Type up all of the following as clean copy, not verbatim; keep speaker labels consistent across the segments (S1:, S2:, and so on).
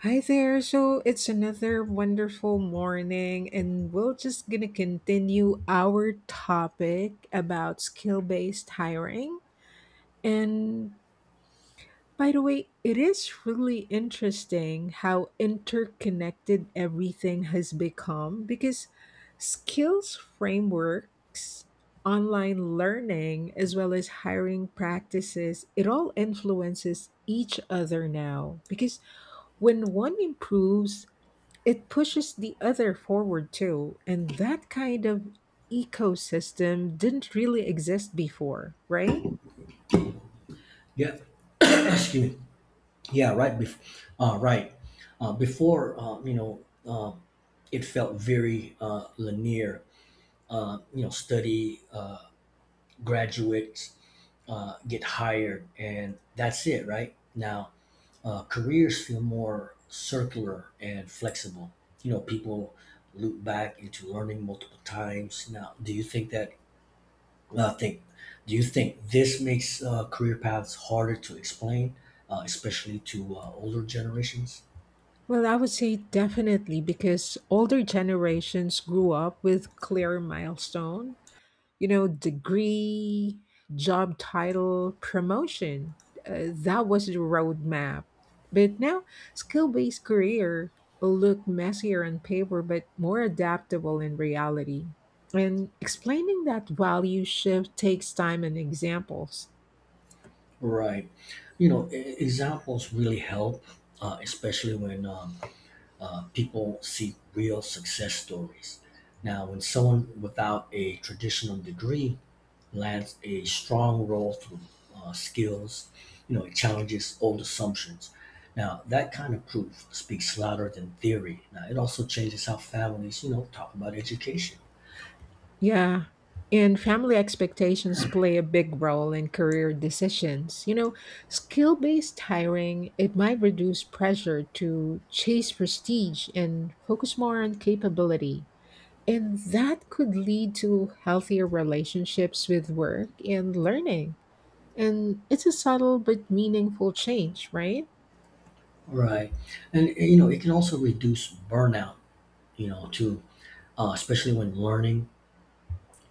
S1: Hi there. So it's another wonderful morning, and we're just gonna continue our topic about skill based hiring. And by the way, it is really interesting how interconnected everything has become because skills frameworks, online learning, as well as hiring practices, it all influences each other now because when one improves, it pushes the other forward too. And that kind of ecosystem didn't really exist before, right?
S2: Yeah, excuse me. Yeah, right. Bef- right. Before, you know, it felt very linear. Study, graduates, get hired, and that's it, right? Now, careers feel more circular and flexible. You know, people loop back into learning multiple times. Now, Uh, think, do you think this makes career paths harder to explain, especially to older generations?
S1: Well, I would say definitely because older generations grew up with clear milestone, you know, degree, job title, promotion. That was the roadmap. But now, skill based career look messier on paper, but more adaptable in reality. And explaining that value shift takes time and examples.
S2: Right. You know, examples really help, especially when people see real success stories. Now, when someone without a traditional degree lands a strong role through skills. You know, it challenges old assumptions. Now, that kind of proof speaks louder than theory. Now, it also changes how families, you know, talk about education.
S1: Yeah. And family expectations play a big role in career decisions. You know, skill-based hiring, it might reduce pressure to chase prestige and focus more on capability. And that could lead to healthier relationships with work and learning. And it's a subtle but meaningful change, right?
S2: Right. And, you know, it can also reduce burnout, you know, too, especially when learning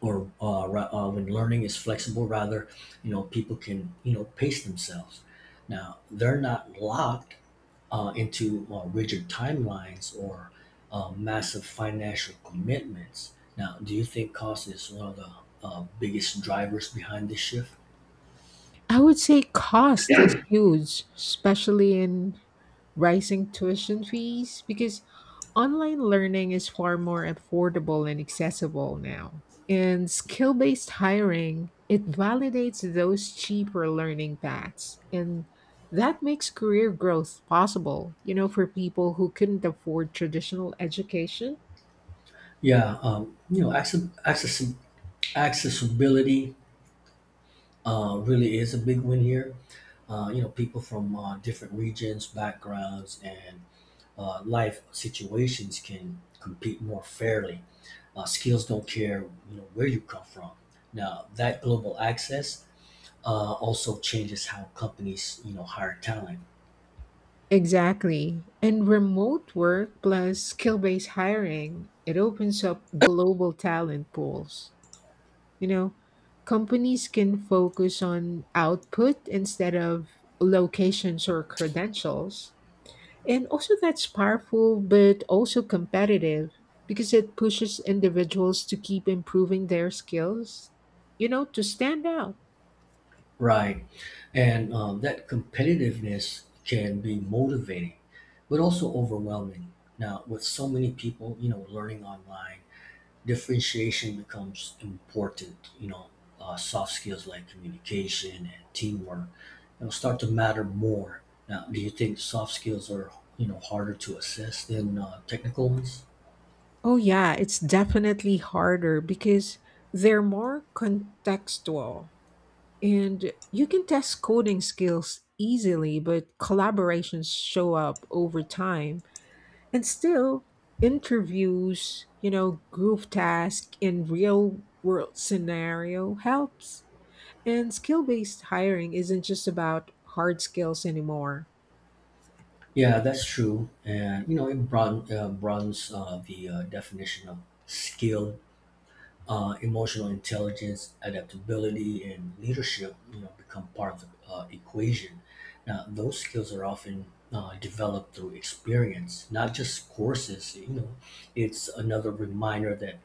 S2: or when learning is flexible, rather, you know, people can, you know, pace themselves. Now, they're not locked into rigid timelines or massive financial commitments. Now, do you think cost is one of the biggest drivers behind this shift?
S1: I would say cost is huge, especially in rising tuition fees because online learning is far more affordable and accessible now. And skill based hiring, it validates those cheaper learning paths. And that makes career growth possible, you know, for people who couldn't afford traditional education.
S2: Yeah, you know, accessibility really is a big win here. You know, people from different regions, backgrounds, and life situations can compete more fairly. Skills don't care, you know, where you come from. Now, that global access also changes how companies, you know, hire talent.
S1: Exactly. And remote work plus skill based hiring, it opens up global talent pools. You know, companies can focus on output instead of locations or credentials. And also, that's powerful, but also competitive because it pushes individuals to keep improving their skills, you know, to stand out.
S2: Right. And that competitiveness can be motivating but also overwhelming. Now, with so many people, you know, learning online, differentiation becomes important. You know, soft skills like communication and teamwork, you know, start to matter more. Now, do you think soft skills are, you know, harder to assess than technical ones?
S1: Oh, yeah, it's definitely harder because they're more contextual and you can test coding skills easily, but collaborations show up over time. And still, interviews, you know, group task in real world scenario helps. And skill based hiring isn't just about hard skills anymore.
S2: Yeah, that's true. And you know, it broadens the definition of skill. Emotional intelligence, adaptability, and leadership, you know, become part of the equation. Now, those skills are often developed through experience, not just courses. You know, it's another reminder that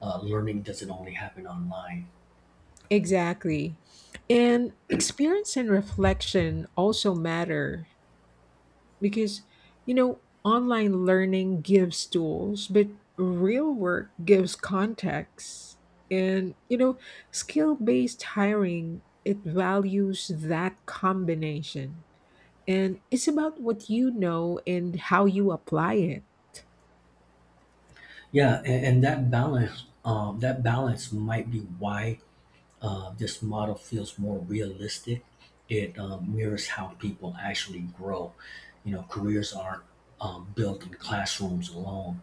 S2: learning doesn't only happen online.
S1: Exactly. And experience and reflection also matter because, you know, online learning gives tools but real work gives context, and, you know, skill based hiring, it values that combination, and it's about what you know and how you apply it.
S2: Yeah, and that balance might be why this model feels more realistic. It mirrors how people actually grow. You know, careers aren't built in classrooms alone.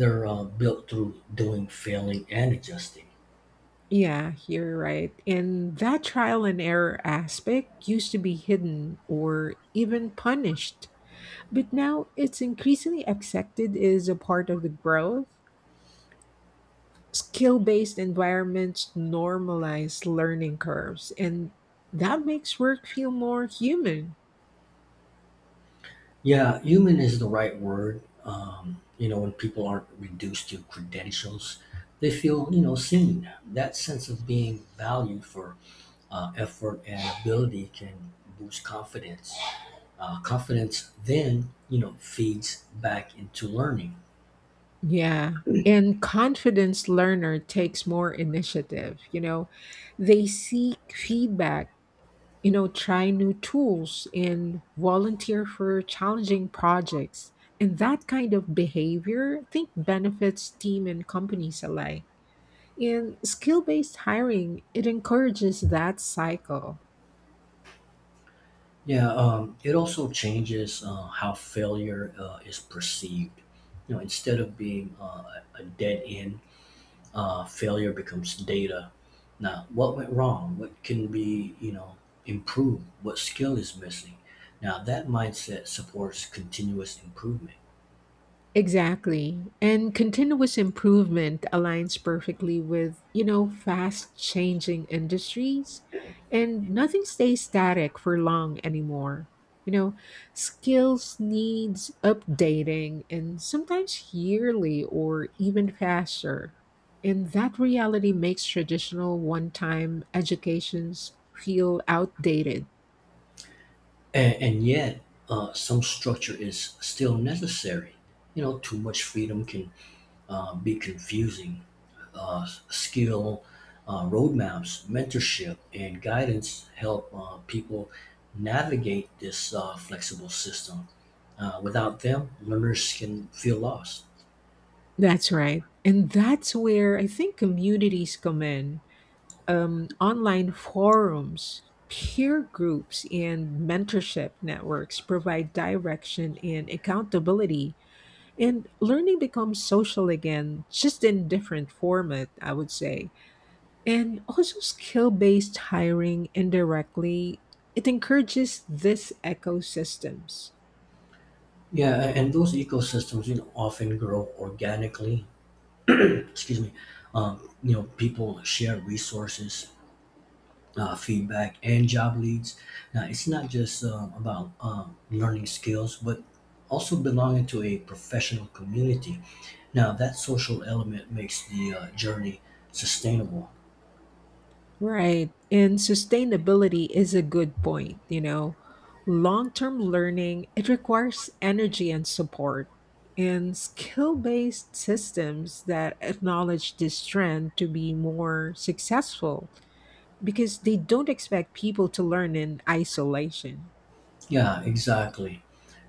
S2: They're built through doing, failing, and adjusting.
S1: Yeah, you're right. And that trial and error aspect used to be hidden or even punished. But now it's increasingly accepted as a part of the growth. Skill based environments normalize learning curves, and that makes work feel more human.
S2: Yeah, human is the right word. You know, when people aren't reduced to credentials, they feel, you know, seen. That sense of being valued for effort and ability can boost confidence. Confidence then, you know, feeds back into learning.
S1: Yeah. And confidence learner takes more initiative, you know. They seek feedback, you know, try new tools and volunteer for challenging projects. And that kind of behavior, I think, benefits team and companies alike. In skill based hiring, it encourages that cycle.
S2: Yeah, it also changes how failure is perceived. You know, instead of being a dead end, failure becomes data. Now, what went wrong? What can be, you know, improved? What skill is missing? Now, that mindset supports continuous improvement.
S1: Exactly. And continuous improvement aligns perfectly with, you know, fast changing industries. And nothing stays static for long anymore. You know, skills needs updating and sometimes yearly or even faster. And that reality makes traditional one time educations feel outdated.
S2: And yet, some structure is still necessary. You know, too much freedom can be confusing. Uh, skill roadmaps, mentorship, and guidance help people navigate this flexible system. Without them, learners can feel lost.
S1: That's right. And that's where I think communities come in, online forums, peer groups, and mentorship networks provide direction and accountability. And learning becomes social again, just in different format, I would say. And also skill based hiring indirectly, it encourages these ecosystems.
S2: And those ecosystems, you know, often grow organically. Excuse me. You know, people share resources, feedback, and job leads. Now, it's not just about learning skills, but also belonging to a professional community. Now, that social element makes the journey sustainable.
S1: Right. And sustainability is a good point, you know. Long-term learning, it requires energy and support. And skill-based systems that acknowledge this trend to be more successful because they don't expect people to learn in isolation.
S2: Yeah, exactly.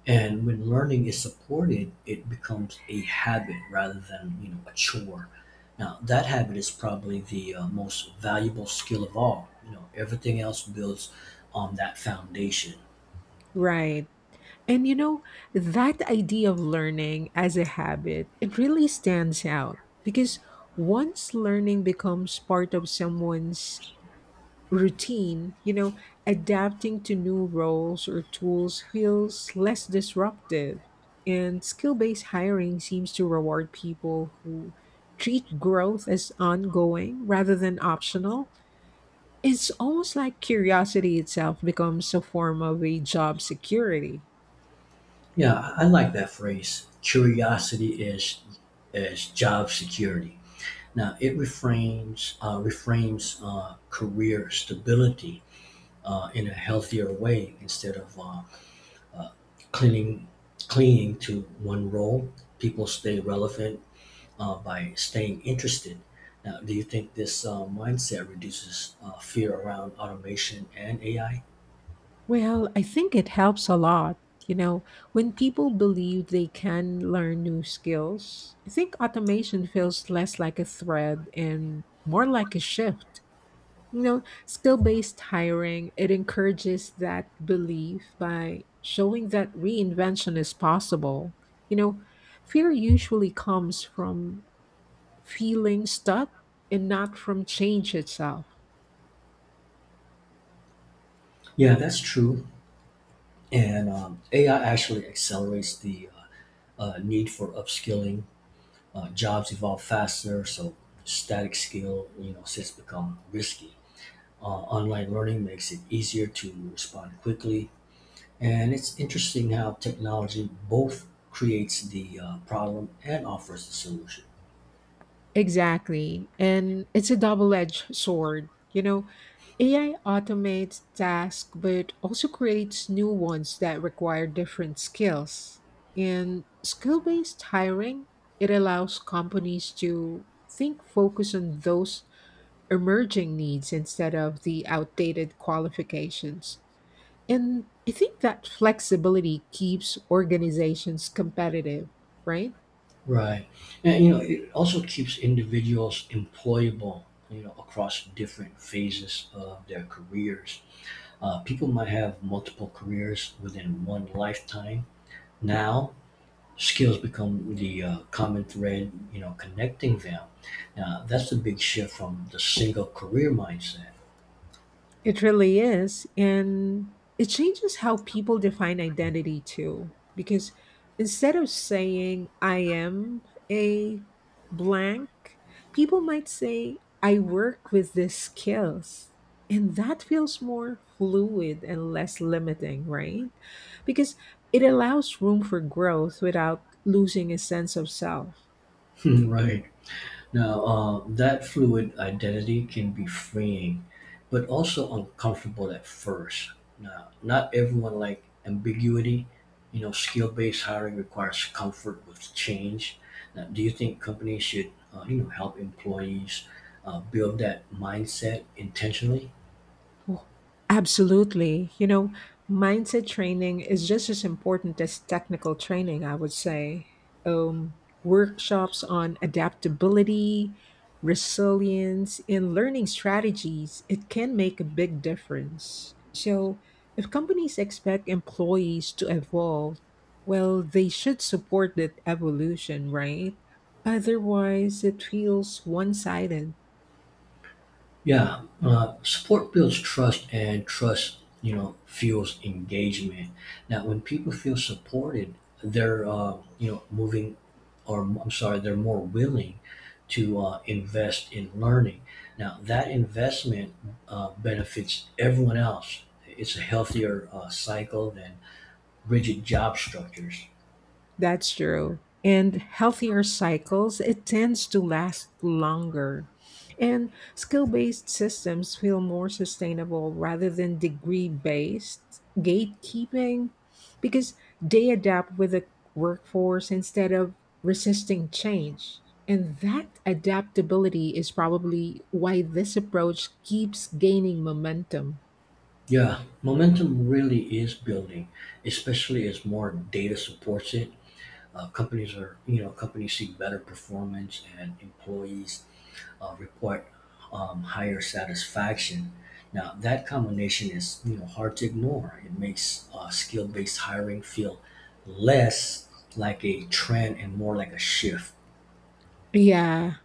S2: And when learning is supported, it becomes a habit rather than, you know, a chore. Now, that habit is probably the most valuable skill of all. You know, everything else builds on that foundation.
S1: Right. And you know, that idea of learning as a habit, it really stands out because once learning becomes part of someone's routine, you know, adapting to new roles or tools feels less disruptive. And skill based hiring seems to reward people who treat growth as ongoing rather than optional. It's almost like curiosity itself becomes a form of a job security.
S2: Yeah, I like that phrase. Curiosity is job security. Now, it reframes career stability in a healthier way, instead of uh, clinging clinging to one role. People stay relevant by staying interested. Now, do you think this mindset reduces fear around automation and AI?
S1: Well, I think it helps a lot. You know, when people believe they can learn new skills, I think automation feels less like a threat and more like a shift. You know, skill-based hiring, it encourages that belief by showing that reinvention is possible. You know, fear usually comes from feeling stuck and not from change itself.
S2: Yeah, that's true. And AI actually accelerates the need for upskilling. Jobs evolve faster, so static skill, you know, since become risky. Online learning makes it easier to respond quickly, and it's interesting how technology both creates the problem and offers the solution.
S1: Exactly. And it's a double edged sword. You know, AI automates tasks but also creates new ones that require different skills. In skill based hiring, it allows companies to think focus on those emerging needs instead of the outdated qualifications. And I think that flexibility keeps organizations competitive, right?
S2: Right, and you know, it also keeps individuals employable. You know, across different phases of their careers, people might have multiple careers within one lifetime. Now, skills become the common thread, you know, connecting them. Now, that's a big shift from the single career mindset.
S1: It really is. And it changes how people define identity too. Because instead of saying, I am a blank, people might say, I work with these skills. And that feels more fluid and less limiting, right? Because it allows room for growth without losing a sense of self.
S2: Right. Now, that fluid identity can be freeing, but also uncomfortable at first. Now, not everyone like ambiguity. You know, skill-based hiring requires comfort with change. Now, do you think companies should, you know, help employees build that mindset intentionally?
S1: Oh, absolutely. You know, mindset training is just as important as technical training, I would say. Workshops on adaptability, resilience, and learning strategies, it can make a big difference. So, if companies expect employees to evolve, well, they should support that evolution, right? Otherwise, it feels one sided.
S2: Yeah, support builds trust, and trust, you know, fuels engagement. Now, when people feel supported, they're, you know, moving, or I'm sorry, they're more willing to invest in learning. Now, that investment benefits everyone else. It's a healthier cycle than rigid job structures.
S1: That's true. And healthier cycles, it tends to last longer. And skill based systems feel more sustainable rather than degree based gatekeeping because they adapt with the workforce instead of resisting change. And that adaptability is probably why this approach keeps gaining momentum.
S2: Yeah, momentum really is building, especially as more data supports it. Companies are, you know, companies see better performance, and employees report higher satisfaction. Now, that combination is, you know, hard to ignore. It makes skill-based hiring feel less like a trend and more like a shift.
S1: Yeah,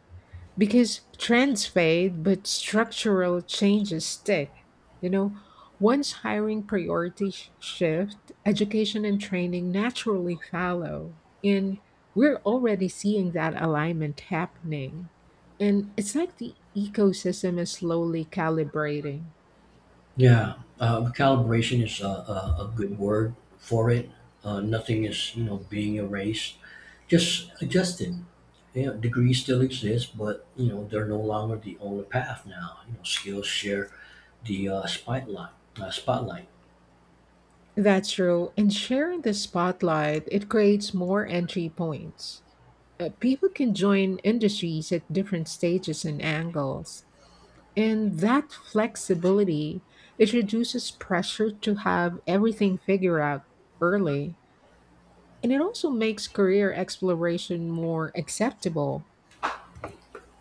S1: because trends fade but structural changes stick. You know, once hiring priorities shift, education and training naturally follow, and we're already seeing that alignment happening, and it's like the ecosystem is slowly calibrating.
S2: Yeah, calibration is a good word for it. Nothing is, you know, being erased. Just adjusted. You know, degrees still exist, but you know they're no longer the only path now. You know, skills share the spotlight. Uh, spotlight.
S1: That's true, and sharing the spotlight, it creates more entry points. People can join industries at different stages and angles. And that flexibility, it reduces pressure to have everything figured out early. And it also makes career exploration more acceptable.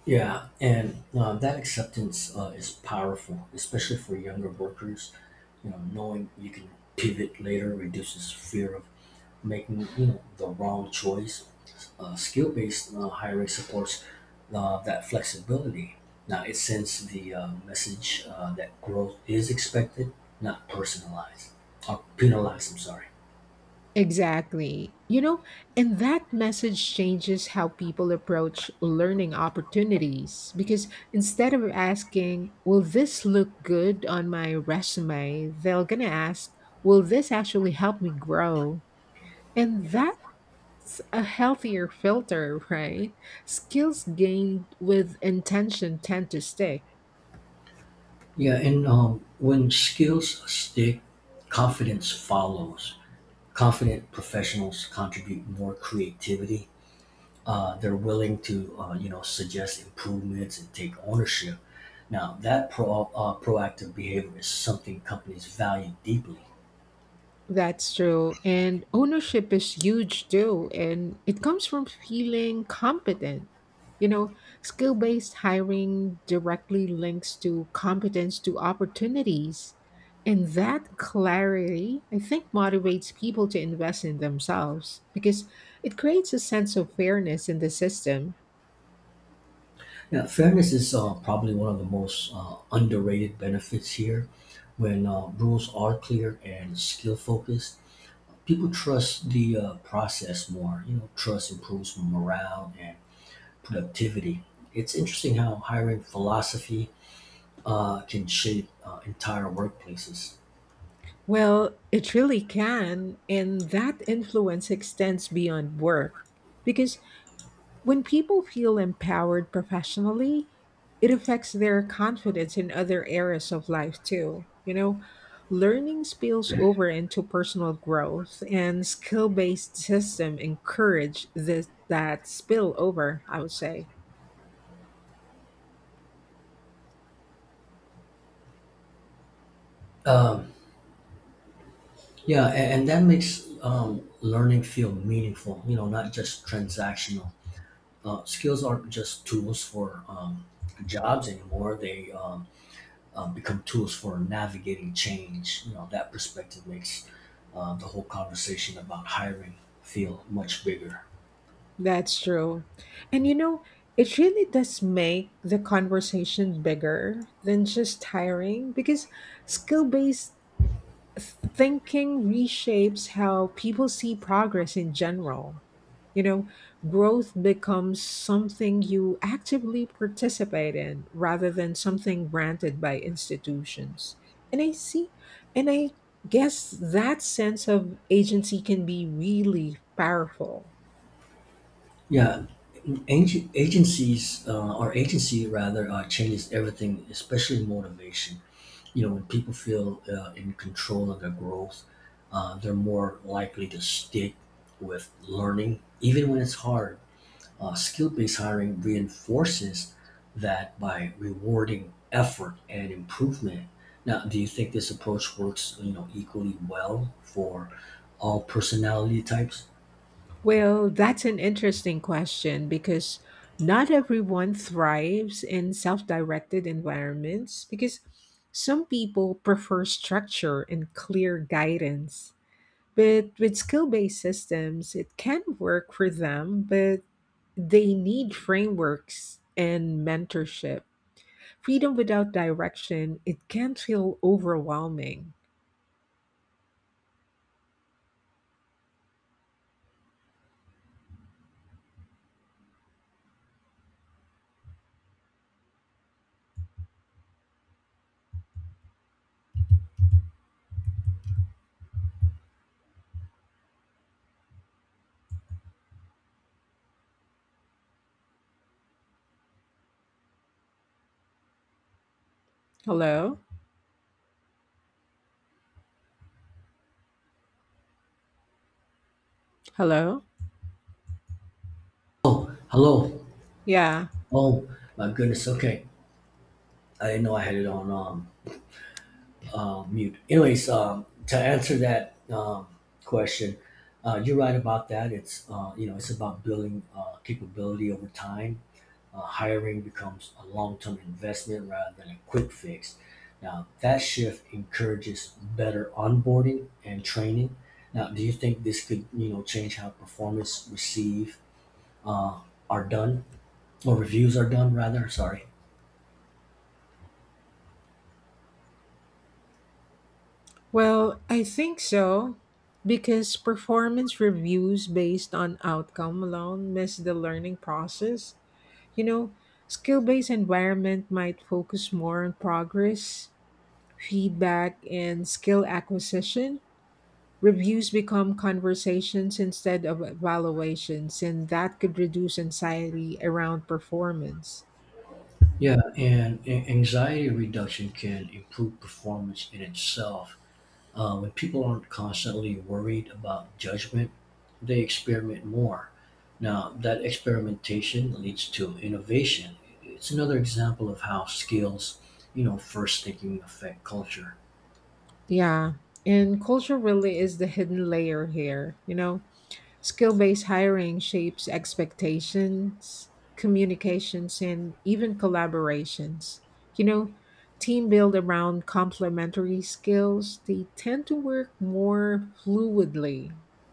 S2: Yeah, and that acceptance is powerful, especially for younger workers. You know, knowing you can pivot later reduces fear of making, you know, the wrong choice. Skill based hiring supports that flexibility. Now, it sends the message that growth is expected, not personalized or penalized. I'm sorry.
S1: Exactly. You know, and that message changes how people approach learning opportunities because instead of asking, will this look good on my resume? They're going to ask, will this actually help me grow? And that, it's a healthier filter, right? Skills gained with intention tend to stick.
S2: Yeah, and when skills stick, confidence follows. Confident professionals contribute more creativity. They're willing to you know, suggest improvements and take ownership. Now, that proactive behavior is something companies value deeply.
S1: That's true. And ownership is huge too. And it comes from feeling competent. You know, skill based hiring directly links to competence to opportunities. And that clarity, I think, motivates people to invest in themselves because it creates a sense of fairness in the system.
S2: Now, fairness is probably one of the most underrated benefits here. When rules are clear and skill focused, people trust the process more. You know, trust improves morale and productivity. It's interesting how hiring philosophy can shape entire workplaces.
S1: Well, it really can, and that influence extends beyond work because when people feel empowered professionally, it affects their confidence in other areas of life too. You know, learning spills over into personal growth, and skill based system encourage this that spill over, I would say.
S2: Um, Yeah, and that makes learning feel meaningful, you know, not just transactional. Skills aren't just tools for jobs anymore. They become tools for navigating change. You know, that perspective makes the whole conversation about hiring feel much bigger.
S1: That's true. And you know, it really does make the conversation bigger than just hiring because skill based thinking reshapes how people see progress in general. You know, growth becomes something you actively participate in rather than something granted by institutions. And I see, and I guess that sense of agency can be really powerful.
S2: Yeah, ag- agencies or agency rather changes everything, especially motivation. You know, when people feel in control of their growth, they're more likely to stick with learning, even when it's hard. Skill based hiring reinforces that by rewarding effort and improvement. Now, do you think this approach works, you know, equally well for all personality types?
S1: Well, that's an interesting question because not everyone thrives in self directed environments because some people prefer structure and clear guidance. But with skill based systems, it can work for them, but they need frameworks and mentorship. Freedom without direction, it can feel overwhelming. Hello? Hello?
S2: Oh, hello.
S1: Yeah.
S2: Oh, my goodness. Okay. I didn't know I had it on mute. Anyways, to answer that question, you're right about that. It's you know, it's about building capability over time. Hiring becomes a long-term investment rather than a quick fix. Now, that shift encourages better onboarding and training. Now, do you think this could, you know, change how performance receive uh, are done or reviews are done, rather? Sorry.
S1: Well, I think so, because performance reviews based on outcome alone miss the learning process. You know, skill based environment might focus more on progress, feedback, and skill acquisition. Reviews become conversations instead of evaluations, and that could reduce anxiety around performance.
S2: Yeah, and a- anxiety reduction can improve performance in itself. When people aren't constantly worried about judgment, they experiment more. Now, that experimentation leads to innovation. It's another example of how skills, you know, first thinking affect culture.
S1: Yeah, and culture really is the hidden layer here, you know. Skill based hiring shapes expectations, communications, and even collaborations. You know, team built around complementary skills, they tend to work more fluidly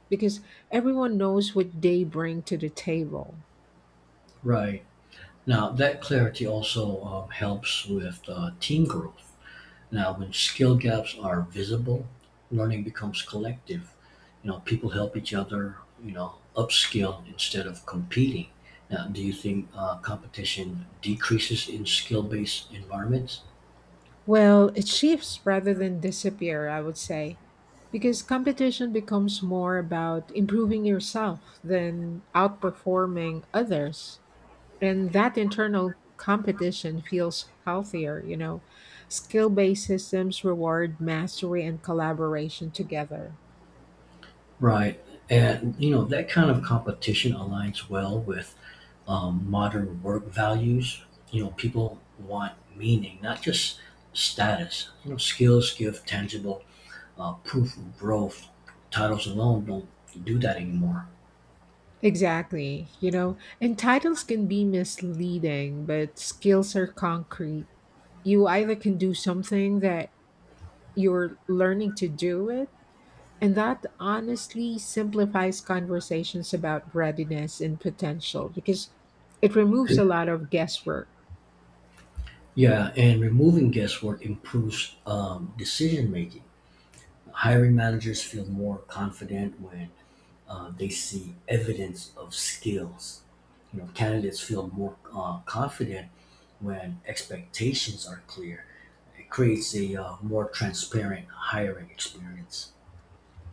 S1: because everyone knows what they bring to the table.
S2: Right. Now, that clarity also helps with team growth. Now, when skill gaps are visible, learning becomes collective. You know, people help each other, you know, upskill instead of competing. Now, do you think competition decreases in skill based environments?
S1: Well, it shifts rather than disappear, I would say, because competition becomes more about improving yourself than outperforming others. And that internal competition feels healthier, you know, skill-based systems reward mastery and collaboration together.
S2: Right. And, you know, that kind of competition aligns well with modern work values. You know, people want meaning, not just status. You know, skills give tangible proof of growth. Titles alone don't do that anymore.
S1: Exactly. You know, and titles can be misleading but skills are concrete. You either can do something that you're learning to do it, and that honestly simplifies conversations about readiness and potential because it removes a lot of guesswork.
S2: Yeah, and removing guesswork improves decision making. Hiring managers feel more confident when they see evidence of skills. You know, candidates feel more confident when expectations are clear. It creates a more transparent hiring experience.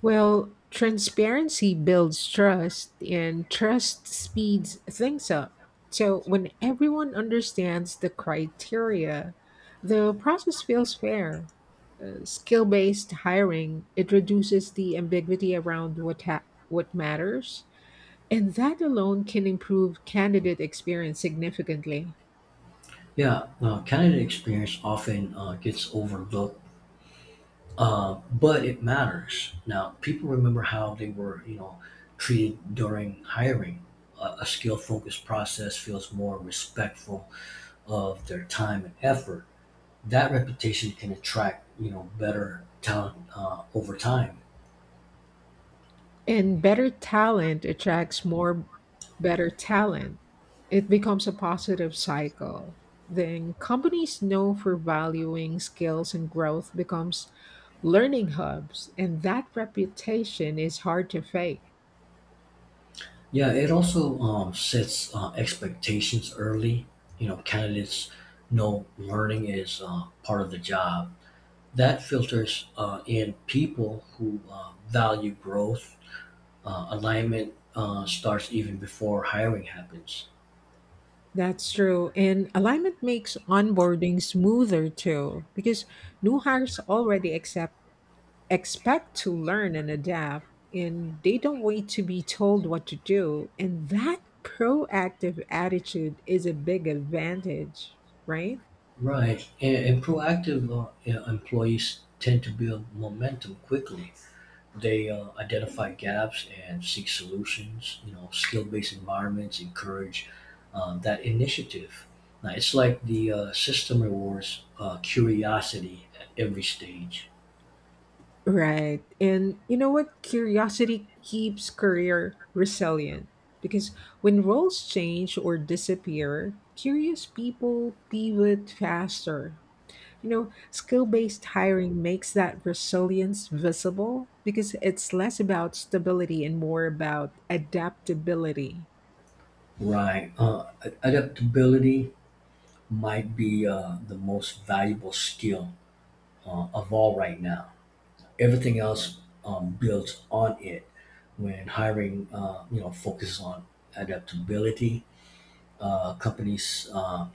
S1: Well, transparency builds trust, and trust speeds things up. So, when everyone understands the criteria, the process feels fair. Skill-based hiring, it reduces the ambiguity around what what matters, and that alone can improve candidate experience significantly.
S2: Yeah, candidate experience often gets overlooked. But it matters. Now, people remember how they were, you know, treated during hiring. A skill focused process feels more respectful of their time and effort. That reputation can attract, you know, better talent over time.
S1: And better talent attracts more better talent. It becomes a positive cycle. Then companies know for valuing skills and growth becomes learning hubs, and that reputation is hard to fake.
S2: Yeah, it also sets expectations early. You know, candidates know learning is part of the job. That filters in people who value growth. Alignment starts even before hiring happens.
S1: That's true. And alignment makes onboarding smoother too, because new hires already accept expect to learn and adapt, and they don't wait to be told what to do, and that proactive attitude is a big advantage, right?
S2: Right, and proactive, you know, employees tend to build momentum quickly. They identify gaps and seek solutions. You know, skill-based environments encourage that initiative. Now, it's like the system rewards curiosity at every stage.
S1: Right and you know what, curiosity keeps career resilient because when roles change or disappear, curious people pivot faster. You know, skill based hiring makes that resilience visible because it's less about stability and more about adaptability.
S2: Adaptability might be the most valuable skill of all right now. Everything else builds on it. When hiring, you know, focuses on adaptability, companies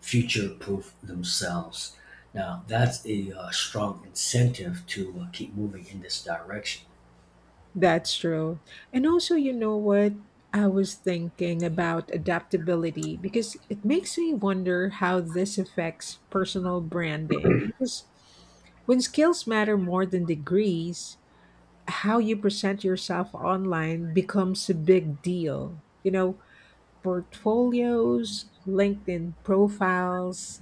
S2: future proof themselves. Now, that's a strong incentive to keep moving in this direction.
S1: That's true. And also, you know what? I was thinking about adaptability because it makes me wonder how this affects personal branding. Because when skills matter more than degrees, how you present yourself online becomes a big deal. You know, portfolios, LinkedIn profiles,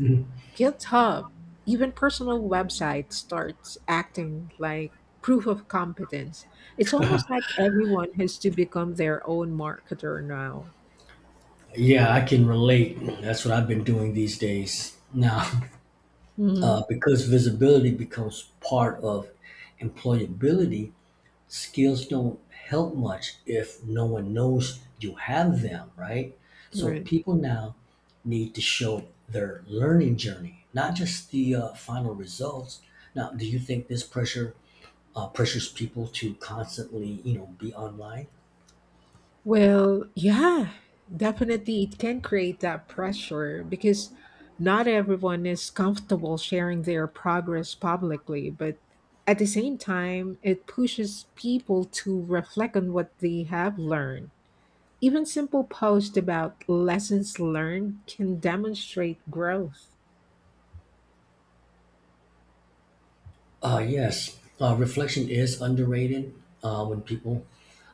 S1: GitHub, even personal websites starts acting like proof of competence. It's almost like everyone has to become their own marketer now.
S2: Yeah, I can relate. That's what I've been doing these days now.
S1: Hmm.
S2: Uh, because visibility becomes part of employability. Skills don't help much if no one knows you have them, right? So
S1: Right.
S2: people now need to show their learning journey, not just the final results. Now, do you think this pressures people to constantly, you know, be online?
S1: Well, yeah, definitely it can create that pressure because not everyone is comfortable sharing their progress publicly, but at the same time, it pushes people to reflect on what they have learned. Even simple posts about lessons learned can demonstrate growth.
S2: Yes, reflection is underrated. When people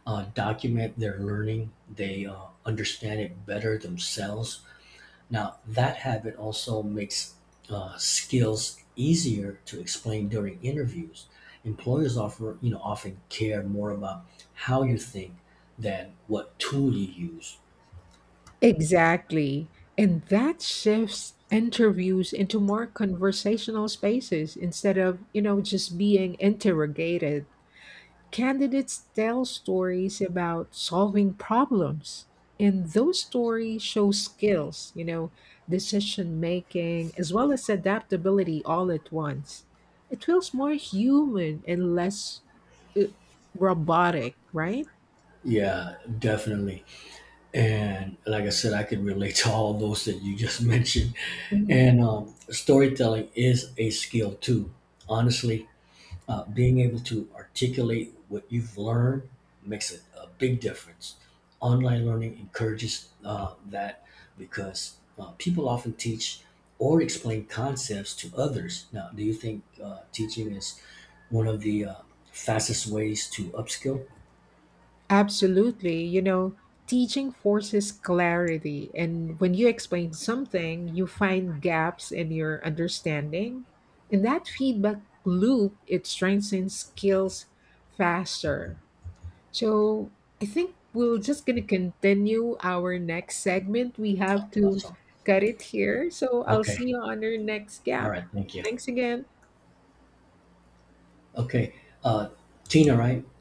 S2: document their learning, they understand it better themselves. Now, that habit also makes skills easier to explain during interviews. Employers offer, you know, often care more about how you think than what tool you use.
S1: Exactly. And that shifts interviews into more conversational spaces instead of, you know, just being interrogated. Candidates tell stories about solving problems, and those stories show skills, you know, decision making, as well as adaptability all at once. It feels more human and less uh, robotic, right?
S2: Yeah, definitely. And like I said, I could relate to all those that you just mentioned.
S1: Mhm.
S2: And storytelling is a skill too. Honestly, being able to articulate what you've learned makes a big difference. Online learning encourages that because people often teach or explain concepts to others. Now, do you think teaching is one of the fastest ways to upskill?
S1: Absolutely. You know, teaching forces clarity. And when you explain something, you find gaps in your understanding. And that feedback loop, it strengthens skills faster. So I think we're just going to continue our next segment. We have to
S2: Awesome.
S1: cut it here. So I'll
S2: Okay.
S1: see you on our next
S2: All
S1: gap.
S2: right. Thank you.
S1: Thanks again.
S2: Okay. Uh, Tina, right?